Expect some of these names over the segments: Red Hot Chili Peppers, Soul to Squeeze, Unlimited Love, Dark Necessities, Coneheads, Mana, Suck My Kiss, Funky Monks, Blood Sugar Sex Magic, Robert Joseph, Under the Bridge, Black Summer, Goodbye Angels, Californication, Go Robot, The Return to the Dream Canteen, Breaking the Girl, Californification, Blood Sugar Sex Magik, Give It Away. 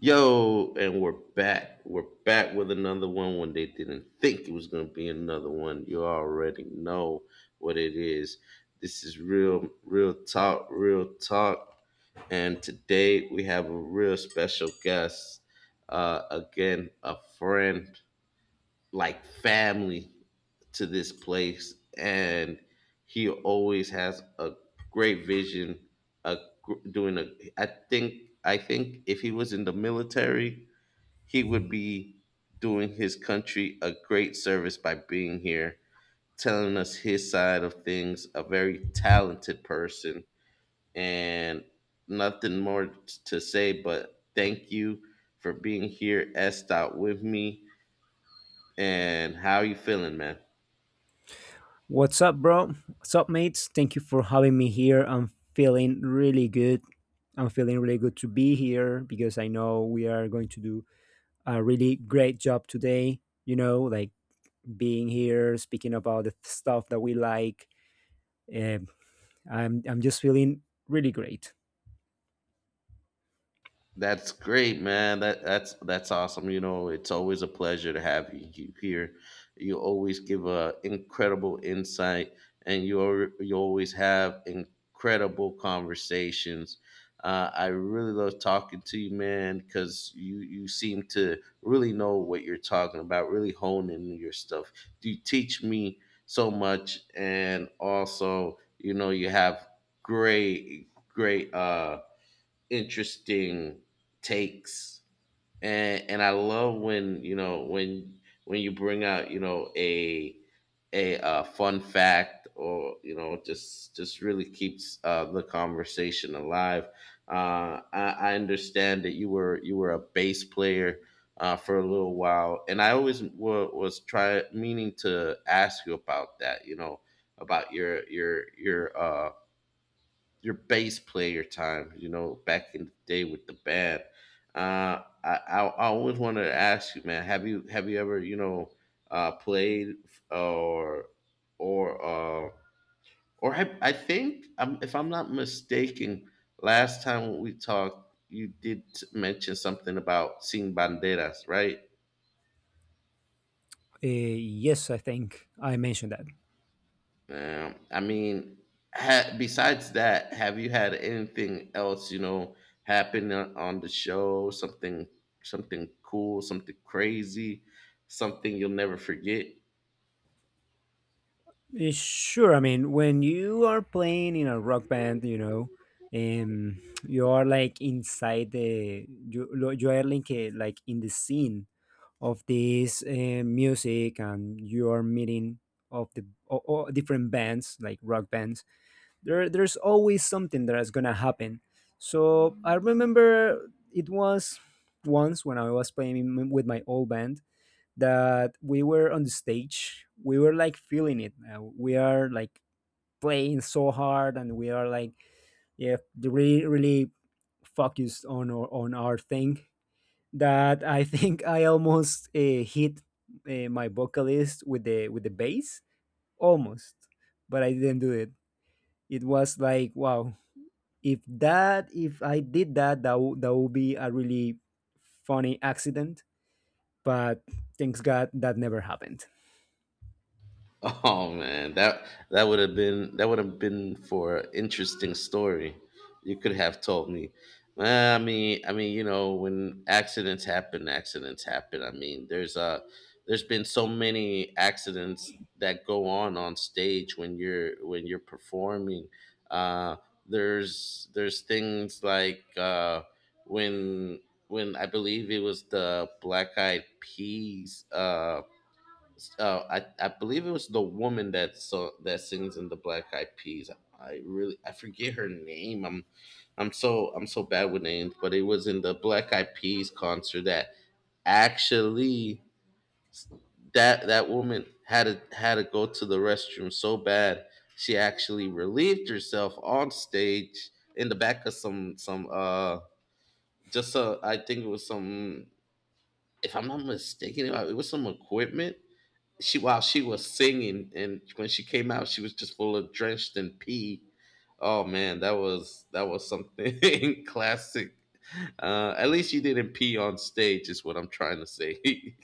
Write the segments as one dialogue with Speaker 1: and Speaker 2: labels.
Speaker 1: Yo, and we're back. We're back with another one when they didn't think it was going to be another one. You already know what it is. This is real, real talk, real talk. And today we have a real special guest. Again, a friend, like family to this place. And he always has a great vision, a, doing a, I think if he was in the military, he would be doing his country a great service by being here, telling us his side of things, a very talented person. And nothing more to say but thank you for being here, S. Dot, with me. And how are you feeling, man?
Speaker 2: What's up, bro? What's up, mates? Thank you for having me here. I'm feeling really good. I'm feeling really good to be here because I know we are going to do a really great job today. Like being here speaking about the stuff that we like. Um, I'm just feeling really great.
Speaker 1: That's great, man. That's awesome. You know, it's always a pleasure to have you here. You always give a incredible insight, and you always have incredible conversations. I really love talking to you, man, because you seem to really know what you're talking about, really honing your stuff. You teach me so much, and also, you know, you have great great. Interesting takes, and I love when, you know, when you bring out, you know, a fun fact, or, you know, just really keeps the conversation alive. I understand that you were a bass player for a little while, and was try meaning to ask you about that. You know about your your bass player time, you know, back in the day with the band. I always wanted to ask you, man, have you ever, you know, played or or uh, or I think if I'm not mistaken, last time we talked, you did mention something about seeing banderas, right?
Speaker 2: Yes, I think I mentioned that.
Speaker 1: I mean, besides that, have you had anything else, you know, happen on the show? Something, something cool, something crazy, something you'll never forget?
Speaker 2: Sure. I mean, when you are playing in a rock band, you are like inside you are like like in the scene of this music, and you are meeting of the o o- different bands like rock bands. There's always something that is gonna happen. So I remember it was once when I was playing with my old band that we were on the stage, we were like feeling it, we are like playing so hard and we are like, yeah, really really focused on our thing, that I think I almost hit my vocalist with the bass. Almost, but I didn't do it. It was like, wow, if that if I did that that would be a really funny accident. But thanks god that never happened.
Speaker 1: Oh man, that that would have been that would have been for an interesting story. You could have told me. Well, I mean, you know, when accidents happen, accidents happen. I mean, there's been so many accidents that go on stage when you're performing. Uh, there's things like when I believe it was the Black Eyed Peas. I believe it was the woman that sings in the Black Eyed Peas. I forget her name. I'm so bad with names, but it was in the Black Eyed Peas concert that actually that woman had to go to the restroom so bad she actually relieved herself on stage in the back of some, just I think it was some, if I'm not mistaken, it was some equipment she, while she was singing, and when she came out she was just full of drenched in pee. Oh man, that was something. Classic. At least you didn't pee on stage, is what I'm trying to say.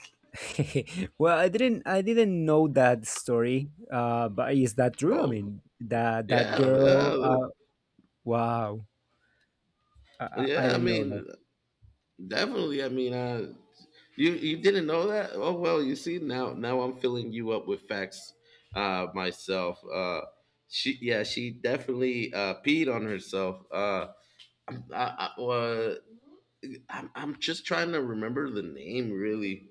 Speaker 2: Well, I didn't know that story. But is that true? I
Speaker 1: Oh,
Speaker 2: mean, that that
Speaker 1: yeah, yeah,
Speaker 2: girl. Wow, I, I
Speaker 1: yeah, I
Speaker 2: didn't know that.
Speaker 1: mean, definitely. You didn't know that? Oh, well, you see, now I'm filling you up with facts myself. She, yeah, she definitely peed on herself. Well, I'm just trying to remember the name, really.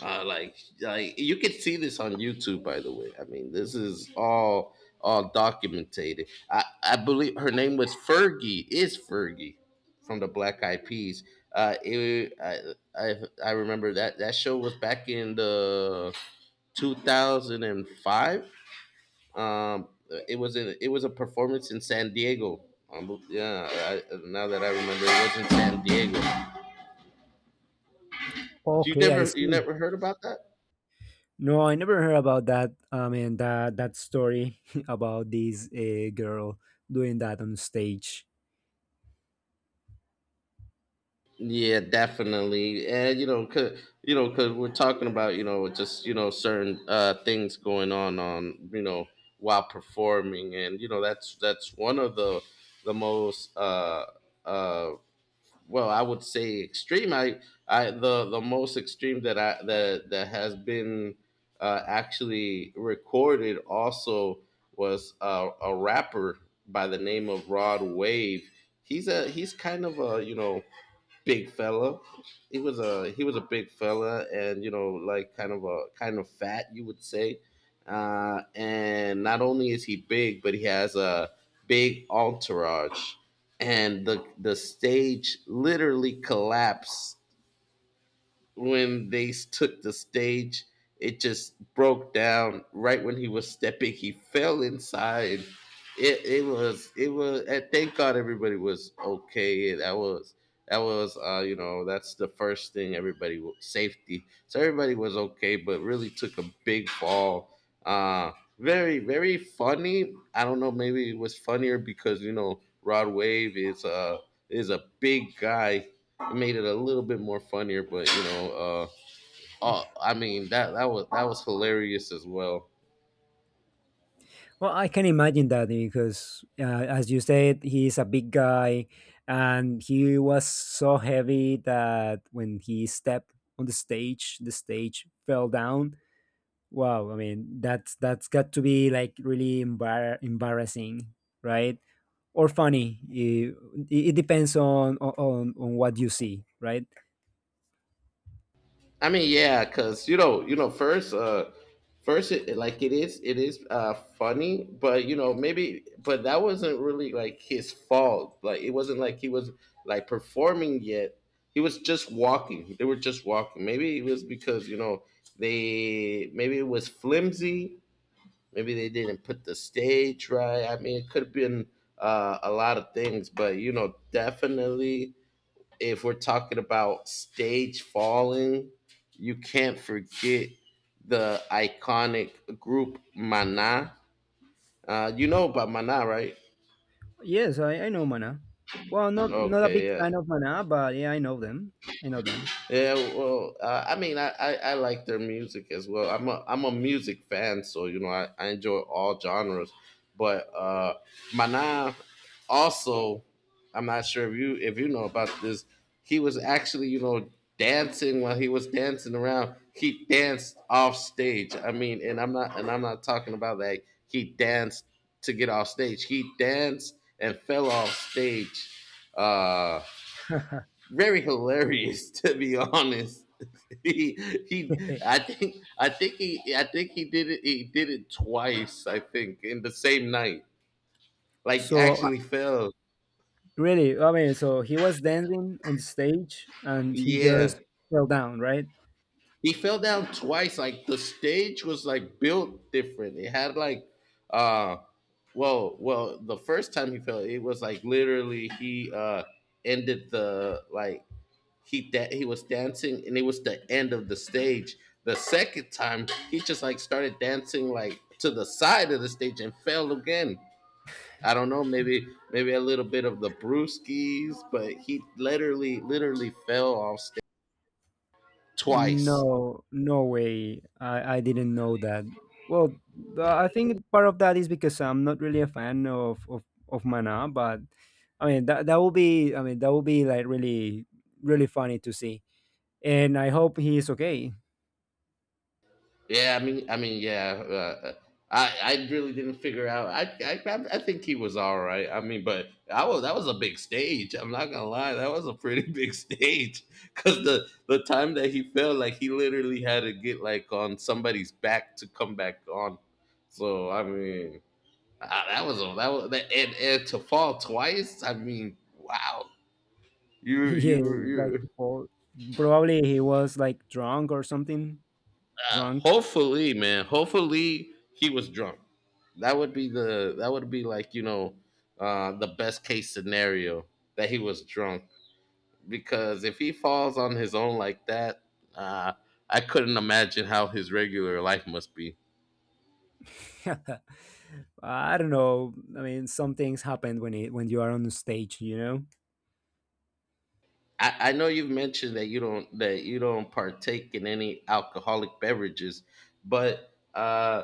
Speaker 1: uh, like like, you could see this on YouTube, by the way. I mean, this is all documented. I believe her name was Fergie, is Fergie from the Black Eyed Peas. It, I I remember that show was back in the 2005. um it was in, it was a performance in San Diego. Now that I remember, it was in San Diego.
Speaker 2: Okay, I
Speaker 1: You
Speaker 2: see.
Speaker 1: never heard about that?
Speaker 2: No, I never heard about that. I mean, that that story about this girl doing that on stage.
Speaker 1: Yeah, definitely. And you know, 'cause you know, 'cause we're talking about, you know, just, you know, certain things going on, you know, while performing, and you know that's one of the most uh well, I would say extreme. I the most extreme that I that that has been actually recorded, also, was a rapper by the name of Rod Wave. He's kind of a, you know, big fella. He was a big fella, and you know, like kind of a, kind of fat, you would say. And not only is he big, but he has a big entourage, and the stage literally collapsed when they took the stage. It just broke down right when he was stepping. He fell inside. It was. And thank God everybody was okay. That was, you know, that's the first thing everybody safety. So everybody was okay, but really took a big fall. Uh Very, very funny. I don't know. Maybe it was funnier because, you know, Rod Wave is a, is a big guy, made it a little bit more funnier, but you know, I mean that was hilarious as well.
Speaker 2: Well, I can imagine that because, as you said, he's a big guy, and he was so heavy that when he stepped on the stage fell down. Wow, I mean that's got to be like really embar- embarrassing, right? Or funny. It depends on, on what you see, right?
Speaker 1: I mean, yeah, 'cause you know, first, first, like it is, it is, uh, funny, but you know, maybe, but that wasn't really like his fault. Like it wasn't like he was like performing yet. He was just walking. They were just walking. Maybe it was because, you know, they, maybe it was flimsy. Maybe they didn't put the stage right. I mean, it could have been, a lot of things, but you know, definitely if we're talking about stage falling, you can't forget the iconic group Mana. You know about Mana, right?
Speaker 2: Yes, I know Mana. Well, not not a big
Speaker 1: Okay, yeah.
Speaker 2: fan of Mana, but yeah, I know them. I know them.
Speaker 1: Yeah, well, I like their music as well. I'm a music fan, so I enjoy all genres. But Mana also, I'm not sure if you know about this. He was actually, you know, dancing while he was dancing around. He danced off stage. I mean, and I'm not talking about like he danced to get off stage. He danced and fell off stage. Uh, Very hilarious, to be honest. he he I think, he I think he did it twice, I think, in the same night, like,
Speaker 2: So
Speaker 1: actually fell.
Speaker 2: really, I mean, so he was dancing on the stage and he
Speaker 1: Yeah,
Speaker 2: just fell down, right?
Speaker 1: he fell down twice. Like the stage was like built different. It had like, uh well, well, the first time he fell, it was like literally, he ended the, like, he that he was dancing and it was the end of the stage. The second time he just like started dancing like to the side of the stage and fell again. I don't know, maybe, maybe a little bit of the brewskis, but he literally, literally fell off stage twice.
Speaker 2: No, no way. I didn't know that. Well, the- I think part of that is because I'm not really a fan of Mana, but I mean that that will be, I mean that will be like really really funny to see. And I hope he's okay.
Speaker 1: Yeah, I mean, I really didn't figure out. I think he was all right. I mean, but I was that was a big stage. I'm not gonna lie, that was a pretty big stage because the time that he fell, like he literally had to get like on somebody's back to come back on. So I mean, that was a, that was that, and to fall twice. I mean, wow. You
Speaker 2: He is
Speaker 1: you
Speaker 2: like
Speaker 1: you
Speaker 2: to fall. Probably he was like drunk or something. Drunk.
Speaker 1: Hopefully, man. Hopefully, he was drunk. That would be, like, you know, the best case scenario, that he was drunk, because if he falls on his own like that, uh, I couldn't imagine how his regular life must be.
Speaker 2: I don't know. I mean, some things happen when you are on stage, you know.
Speaker 1: I know you've mentioned that you don't partake in any alcoholic beverages, but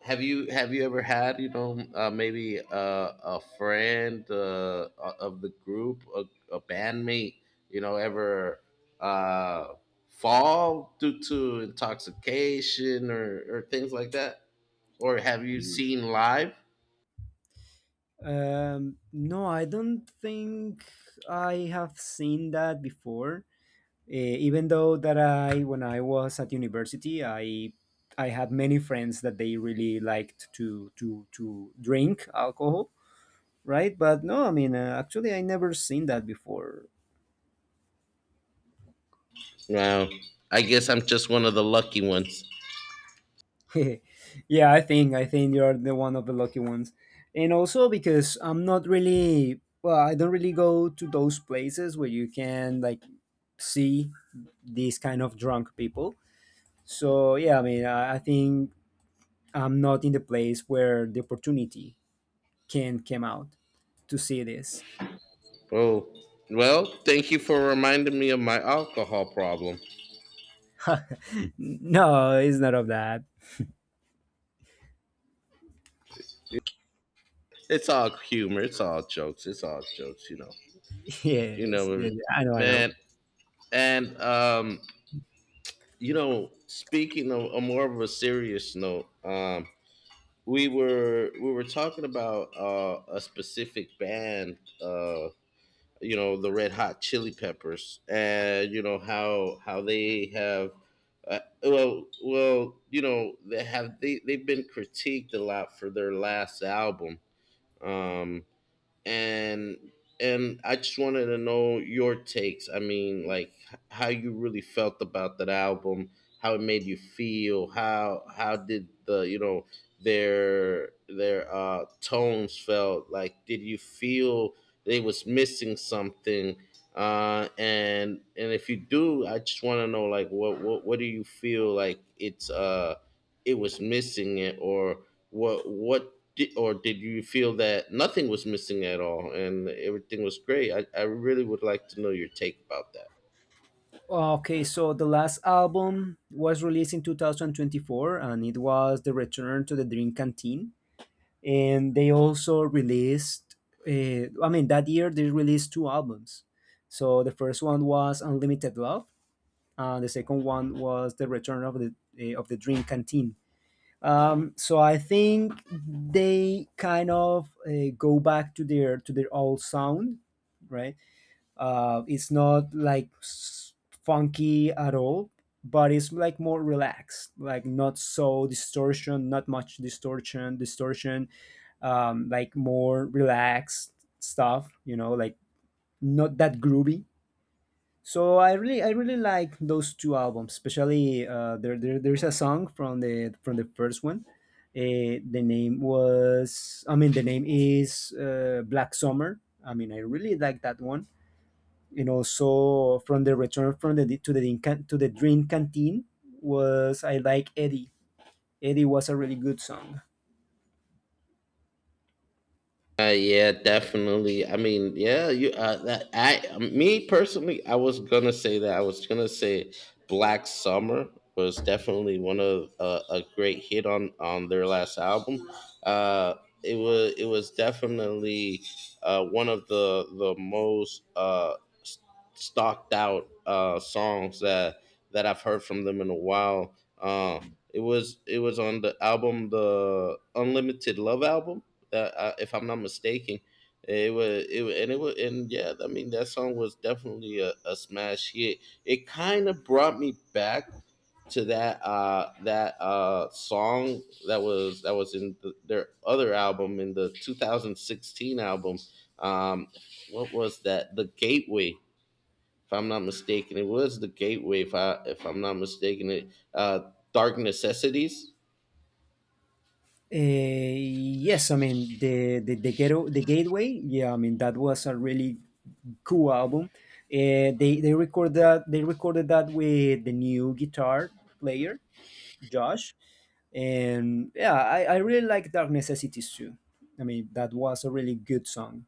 Speaker 1: have you ever had, you know, maybe a friend, of the group, a bandmate, you know, ever, uh, fall due to intoxication, or things like that, or have you seen live?
Speaker 2: No, I don't think I have seen that before. Even though that I, when I was at university, I had many friends that they really liked to drink alcohol, right? But no, I mean, actually, I never seen that before.
Speaker 1: Wow, I guess I'm just one of the lucky ones.
Speaker 2: Yeah, I think you're the one of the lucky ones, and also because I'm not really, well, I don't really go to those places where you can like see these kind of drunk people. So yeah, I mean, I think I'm not in the place where the opportunity can come out to see this.
Speaker 1: Oh, well, thank you for reminding me of my alcohol problem.
Speaker 2: No, it's not of that.
Speaker 1: It's all humor. It's all jokes. It's all jokes. You know. You
Speaker 2: Yes,
Speaker 1: know,
Speaker 2: yes, I know, I know.
Speaker 1: man. And you know, speaking of a more of a serious note, we were talking about, a specific band, you know, the Red Hot Chili Peppers, and you know how they have. Well, you know they they've been critiqued a lot for their last album, um, and and I just wanted to know your takes. I mean, like, how you really felt about that album, how it made you feel, how did the, you know, their, tones felt? Like, did you feel they was missing something? And if you do, I just want to know, like, what do you feel like it was missing it, or or did you feel that nothing was missing at all and everything was great? I really would like to know your take about that.
Speaker 2: Okay, so the last album was released in 2024 and it was The Return to the Dream Canteen. And they also released, I mean, that year they released two albums. So the first one was Unlimited Love, and the second one was The Return of the Dream Canteen. So I think they kind of go back to their old sound, right? It's not like s- funky at all, but it's like more relaxed, like not so distortion, not much distortion, like more relaxed stuff, you know, like not that groovy. So I really like those two albums, especially there, there's a song from the first one. The name was, I mean, the name is Black Summer. I mean, I really like that one, and also from the return from the to the Dinka- to the Dream Canteen was, I like Eddie. Eddie was a really good song.
Speaker 1: Yeah, definitely. I mean, yeah, me personally, I was gonna say that. I was gonna say Black Summer was definitely one of a great hit on their last album. Uh, it was definitely one of the most s- stocked out songs that I've heard from them in a while. It was on the album, the Unlimited Love album that if I'm not mistaken, it was it wa- and it was and yeah, I mean, that song was definitely a smash hit. It kind of brought me back to that song that was in their other album, in the 2016 album. Um, what was that? The Gateway. If I'm not mistaken, it was the Gateway. If I'm not mistaken, it Dark Necessities.
Speaker 2: Yes, I mean, the ghetto the Gateway. Yeah, I mean that was a really cool album. They record that they recorded that with the new guitar player, Josh. And yeah, I really like Dark Necessities too. I mean that was a really good song.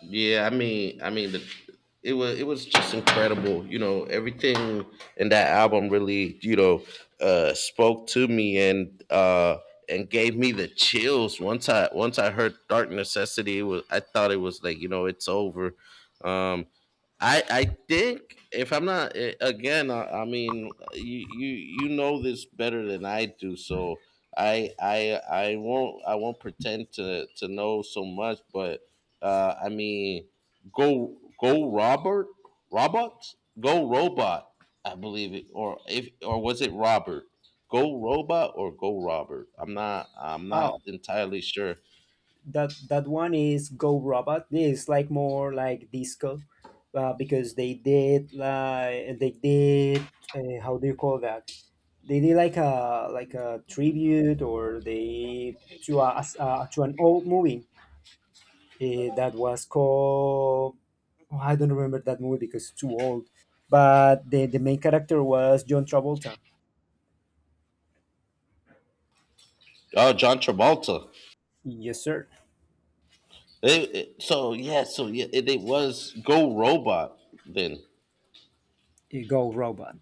Speaker 1: Yeah, it was just incredible. You know, everything in that album really, you know, spoke to me and gave me the chills. Once I heard Dark Necessity, it was I thought it was like, you know, it's over. Um, I think, if I'm not eh, again, I mean, you you know this better than I do, so I won't, pretend to know so much, but I mean, go Robert, Robot, go Robot. I believe it, or if or was it Robert? Go Robot or Go Robert? I'm not
Speaker 2: Oh.
Speaker 1: entirely sure.
Speaker 2: That that one is Go Robot. It's like more like disco, because they did how do you call that? They did like a tribute, or they to a as- to an old movie that was called, oh, I don't remember that movie because it's too old. But the main character was John Travolta.
Speaker 1: Oh, John Travolta.
Speaker 2: Yes, sir.
Speaker 1: So yeah, it was Go Robot then.
Speaker 2: Go Robot.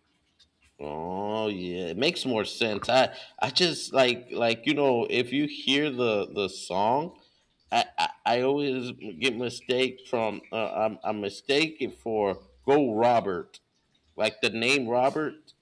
Speaker 1: Oh yeah, it makes more sense. I just, like, you know, if you hear the song, I always get mistake from I'm mistaken for Go Robert, like the name Robert,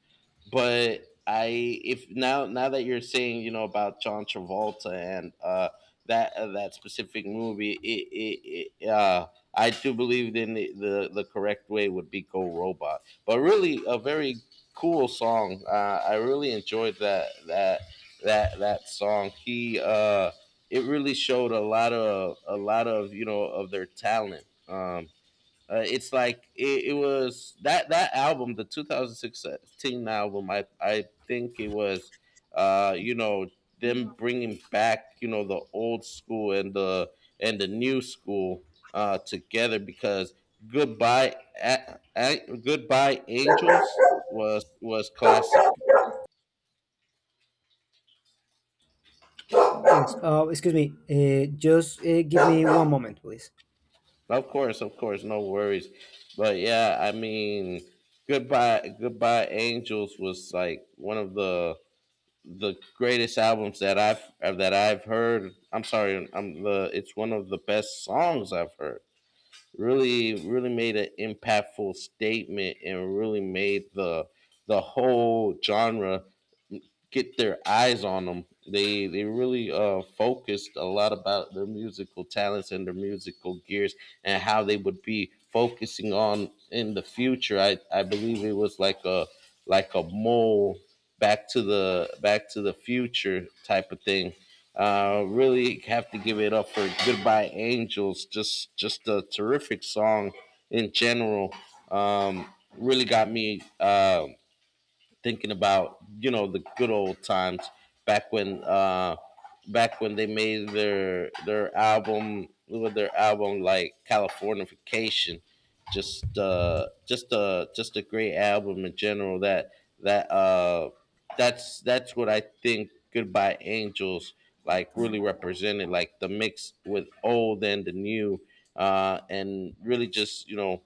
Speaker 1: but I if now that you're saying, you know, about John Travolta and that specific movie, it I do believe the correct way would be Go Robot, but really a very cool song. I really enjoyed that song. He it really showed a lot of, you know, of their talent. It was that album, the 2016 album. I think it was, you know, them bringing back, you know, the old school and the new school, together, because goodbye goodbye Angels was classic.
Speaker 2: Yes. Excuse me. Just give me one moment, please.
Speaker 1: Of course, no worries. But yeah, I mean, Goodbye Angels was like one of the greatest albums that I've heard. I'm sorry, I'm the. It's one of the best songs I've heard. Really, really made an impactful statement and really made the whole genre get their eyes on them. They really focused a lot about their musical talents and their musical gears, and how they would be focusing on in the future. I believe it was like a mole, back to the future type of thing. Really have to give it up for Goodbye Angels. Just a terrific song in general. Um, Really got me. Thinking about, you know, the good old times, back when uh back when they made their album, like Californification. Just a great album in general, that that uh that's what I think Goodbye Angels, like, really represented, like the mix with old and the new, and really just, you know,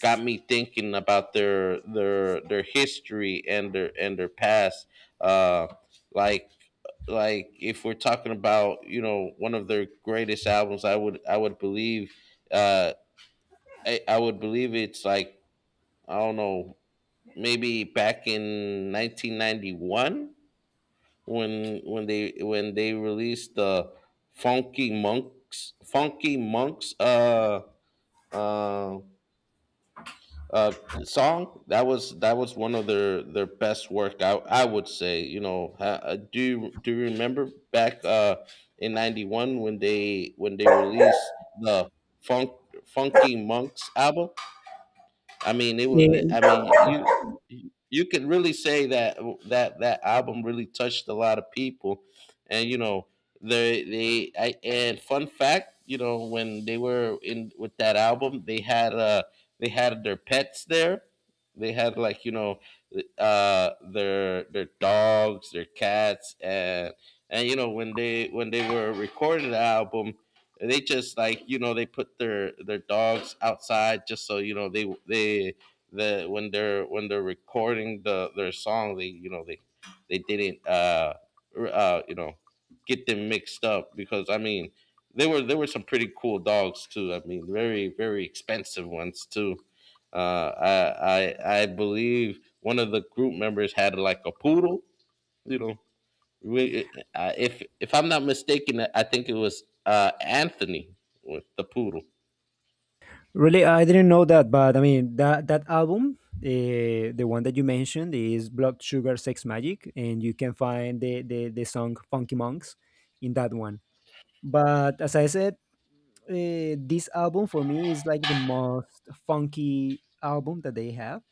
Speaker 1: got me thinking about their history, and their past. Uh, like like if we're talking about, you know, one of their greatest albums, I would believe, uh, I would believe it's like, I don't know, maybe back in 1991 when they released the Funky Monks uh, uh song that was, one of their best work. I would say, you know, do you remember back in 91 when they released the funk funky monks album. I mean, it was. I
Speaker 2: Uh,
Speaker 1: mean, you can really say that that album really touched a lot of people, and you know, and fun fact, you know, when they were in with that album, they had their pets there. They had, like, you know, their dogs, their cats, and you know, when they were recording the album, they just, like, you know, they put their dogs outside, just so, you know, they the when they're recording their song, they didn't, you know, get them mixed up, because I mean, they were there were some pretty cool dogs too. I mean, very, very expensive ones too. I believe one of the group members had, like, a poodle. You know, if I'm not mistaken, I think it was Anthony with the poodle.
Speaker 2: Really, I didn't know that, but I mean that that album, the one that you mentioned, is Blood Sugar Sex Magic, and you can find the song Funky Monks in that one. But as I said, this album for me is like the most funky album that they have.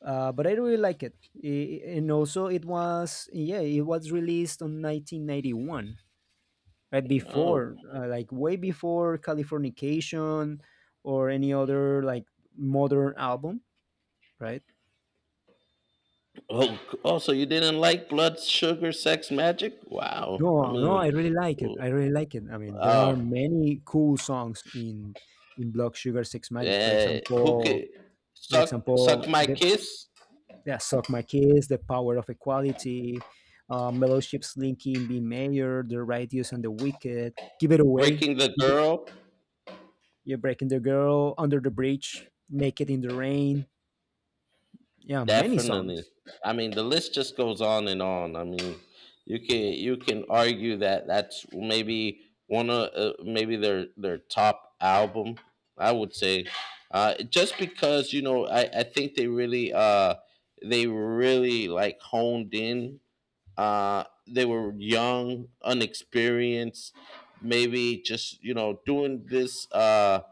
Speaker 2: But I really like it, I- and also it was, yeah, it was released on 1991, right
Speaker 1: Oh,
Speaker 2: before like way before Californication or any other like modern album, right?
Speaker 1: oh, oh! So you didn't like Blood, Sugar, Sex, Magic?
Speaker 2: No,
Speaker 1: Wow! I
Speaker 2: no,
Speaker 1: mean,
Speaker 2: I really like it, I really like it. I mean there are
Speaker 1: oh,
Speaker 2: many cool songs in block sugar Sex Magic, for
Speaker 1: who
Speaker 2: example.
Speaker 1: could
Speaker 2: For
Speaker 1: suck
Speaker 2: example,
Speaker 1: my
Speaker 2: the,
Speaker 1: kiss?
Speaker 2: yeah, Suck My Kiss, The Power of Equality, Fellowship, Slinky, and B Mayor, The Righteous and the Wicked, Give It Away,
Speaker 1: Breaking the
Speaker 2: Give It-
Speaker 1: Girl.
Speaker 2: You're Breaking the Girl, Under the Bridge, Naked in the Rain. Yeah, many
Speaker 1: Definitely.
Speaker 2: songs.
Speaker 1: I mean, the list just goes on and on. I mean, you can argue that that's maybe one of maybe their top album. I would say, just because, you know, I think they really, like, honed in. They were young, unexperienced, maybe just, you know, doing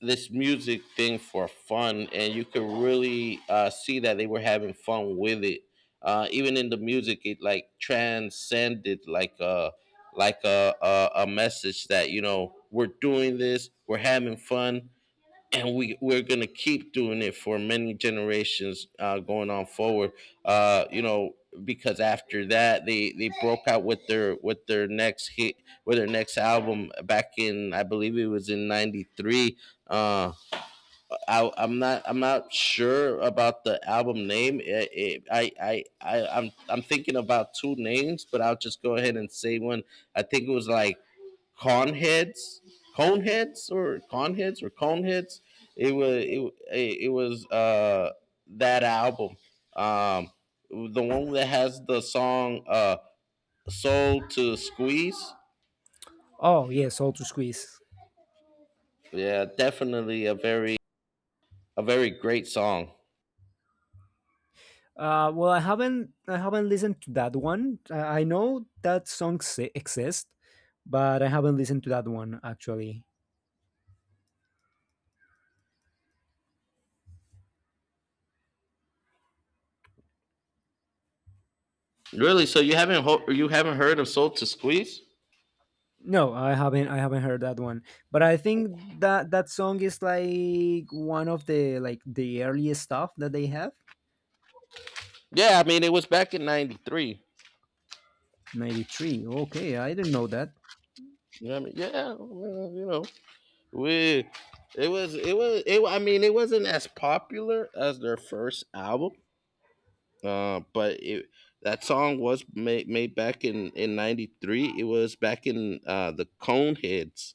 Speaker 1: this music thing for fun, and you could really, see that they were having fun with it. Even in the music, it, like, transcended, like a message that, you know, we're doing this, we're having fun, and we're gonna keep doing it for many generations, going on forward. You know, because after that, they broke out with their next hit, with their next album, back in, I believe it was in '93. Uh, I'm not sure about the album name. It, I I'm thinking about two names, but I'll just go ahead and say one. I think it was like Coneheads, or Coneheads. It was it, it was That album, um, the one that has the song, "Soul to Squeeze."
Speaker 2: Oh yeah, Soul to Squeeze.
Speaker 1: Yeah, definitely a very great song.
Speaker 2: Well, I haven't listened to that one. I know that song se- exists, but I haven't listened to that one actually.
Speaker 1: Really? So you haven't heard of "Soul to Squeeze"?
Speaker 2: No, I haven't heard that one. But I think that that song is like one of the like the earliest stuff that they have.
Speaker 1: Yeah, I mean, it was back in '93.
Speaker 2: 93. Okay, I didn't know that.
Speaker 1: You know what I mean? Yeah, well, you know. We it was it was it. I mean, it wasn't as popular as their first album, but it that song was made back in '93. It was back in, the Coneheads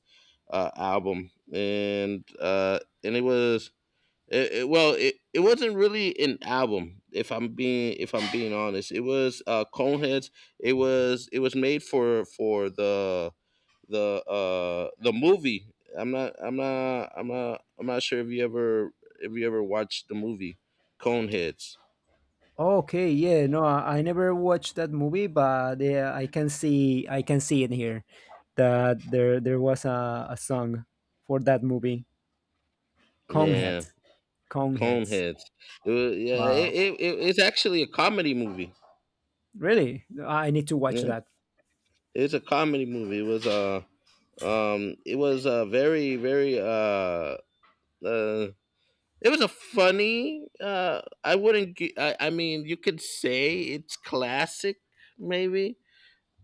Speaker 1: album, and it was. It wasn't really an album. If I'm being honest, it was, Coneheads. It was made for the movie. I'm not sure if you ever, watched the movie Coneheads.
Speaker 2: Okay, yeah, no, I never watched that movie, but yeah, I can see, I can see it here that there was a song for that movie. Conehead.
Speaker 1: Yeah,
Speaker 2: Coneheads.
Speaker 1: Coneheads. It was, yeah,
Speaker 2: Wow.
Speaker 1: it's actually a comedy movie.
Speaker 2: Really? I need to watch
Speaker 1: Yeah.
Speaker 2: that.
Speaker 1: It's a comedy movie. It was a very, very, uh it was a funny, I wouldn't gi- I mean, you could say it's classic maybe.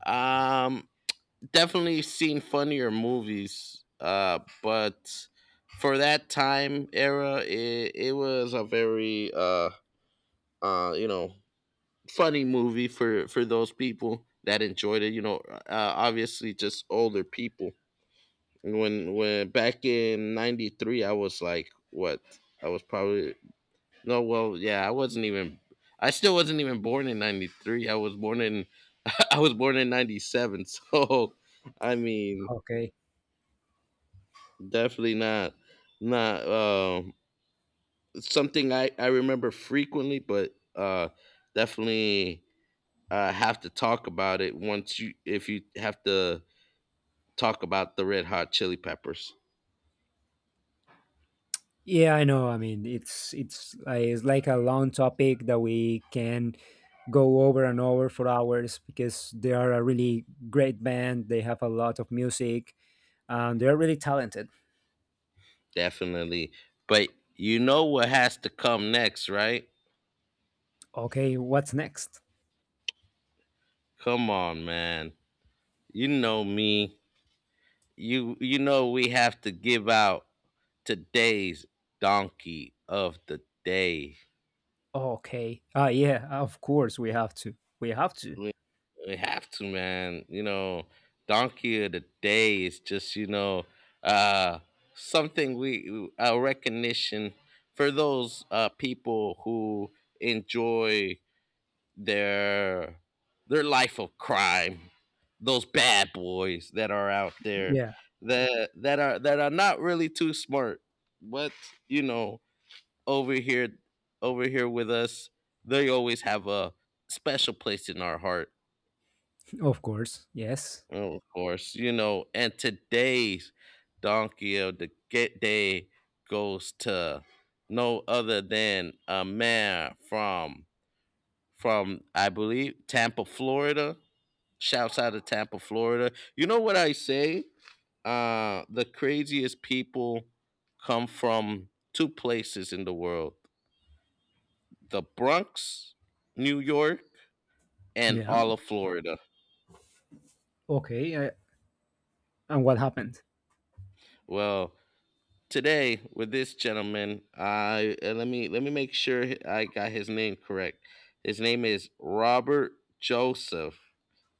Speaker 1: Um Definitely seen funnier movies, but for that time era, it was a very, you know, funny movie for those people that enjoyed it. You know, obviously just older people. When back in '93, I was like, what? I was probably, no, well, yeah, I wasn't even. I still wasn't even born in '93. I was born in I was born in '97, so I mean,
Speaker 2: Okay.
Speaker 1: definitely not. Not, something I remember frequently, but definitely have to talk about it once, you if you have to talk about the Red Hot Chili Peppers.
Speaker 2: Yeah, I know. I mean, it's it's like a long topic that we can go over and over for hours because they are a really great band. They have a lot of music and they're really talented.
Speaker 1: Definitely. But you know what has to come next, right?
Speaker 2: Okay, what's next?
Speaker 1: Come on, man. You know me. You know we have to give out today's donkey of the day.
Speaker 2: Okay. Ah, yeah, of course we have to. We have to.
Speaker 1: We have to, man. You know, donkey of the day is just, you know, uh, something we, a recognition for those, people who enjoy their their life of crime. Those bad boys that are out there,
Speaker 2: Yeah,
Speaker 1: that are not really too smart, but you know, over here over here with us, they always have a special place in our heart.
Speaker 2: of course. Yes.
Speaker 1: Oh, of course, you know, and today's donkey of the get day goes to no other than a man from, I believe, Tampa, Florida. Shouts out to Tampa, Florida. You know what I say? The craziest people come from two places in the world. The Bronx, New York, and
Speaker 2: Yeah.
Speaker 1: all of Florida.
Speaker 2: Okay. And what happened?
Speaker 1: Well, today with this gentleman. I Let me make sure I got his name correct. His name is Robert Joseph,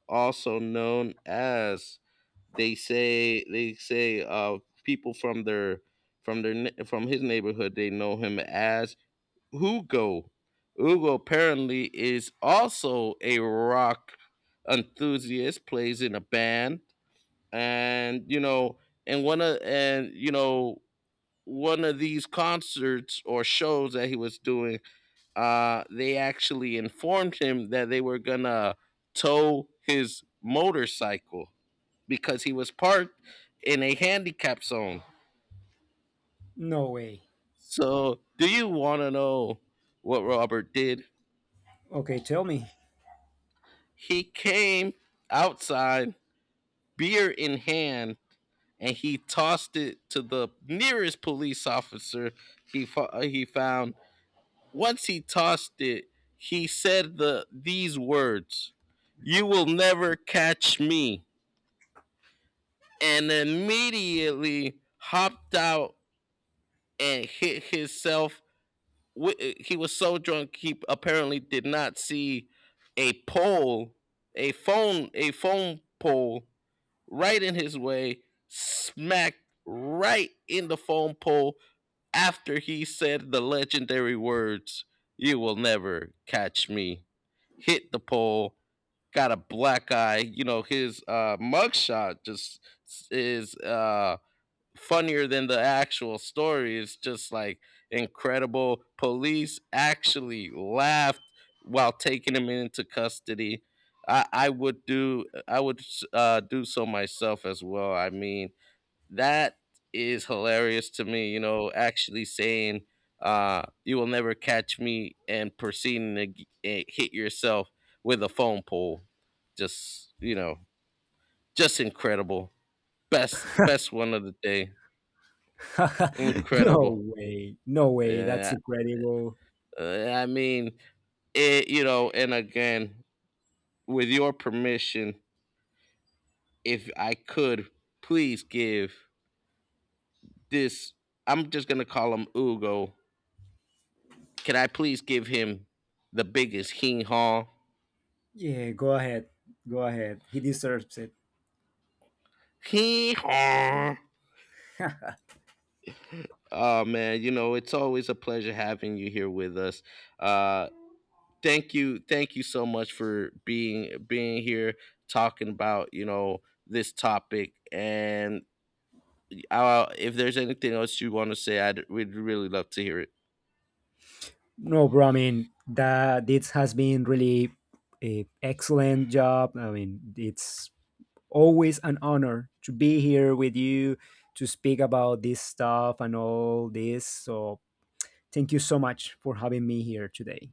Speaker 1: also known as, they say people from from his neighborhood, they know him as Hugo. Hugo apparently is also a rock enthusiast, plays in a band, and you know, and one of and you know one of these concerts or shows that he was doing, they actually informed him that they were gonna tow his motorcycle, because he was parked in a handicap zone.
Speaker 2: No way.
Speaker 1: So, do you want to know what Robert did?
Speaker 2: Okay, tell me.
Speaker 1: He came outside, beer in hand, and he tossed it to the nearest police officer he found. Once he tossed it, he said these words, "You will never catch me," and immediately hopped out and hit himself. He was so drunk he apparently did not see a pole, a phone pole right in his way, smacked right in the phone pole, after he said the legendary words, "You will never catch me," hit the pole, got a black eye. You know, his, mugshot just is, funnier than the actual story. It's just, like, incredible. Police actually laughed while taking him into custody. I would, do so myself as well. I mean, that is hilarious to me, you know, actually saying, "You will never catch me," and proceeding to hit yourself with a phone pole. Just, you know, just incredible. Best one of the day.
Speaker 2: No
Speaker 1: Incredible.
Speaker 2: way. No way. That's
Speaker 1: Yeah,
Speaker 2: incredible.
Speaker 1: uh, I mean, it you know, and again, with your permission, if I could please give this, I'm just gonna call him Ugo. Can I please give him the biggest hee haw?
Speaker 2: Yeah, go ahead. Go ahead. He deserves it.
Speaker 1: Hee haw. Oh man, you know, it's always a pleasure having you here with us. Uh, Thank you, thank you so much for being here, talking about, you know, this topic. And if there's anything else you want to say, I'd we'd really love to hear it.
Speaker 2: No, bro. I mean, that this has been really a excellent job. I mean, it's always an honor to be here with you to speak about this stuff and all this. So thank you so much for having me here today.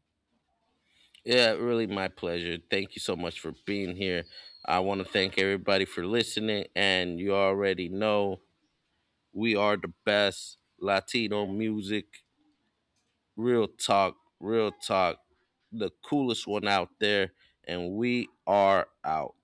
Speaker 1: Yeah, really my pleasure. Thank you so much for being here. I want to thank everybody for listening, and you already know, we are the best Latino music. Real talk, real talk. The coolest one out there. And we are out.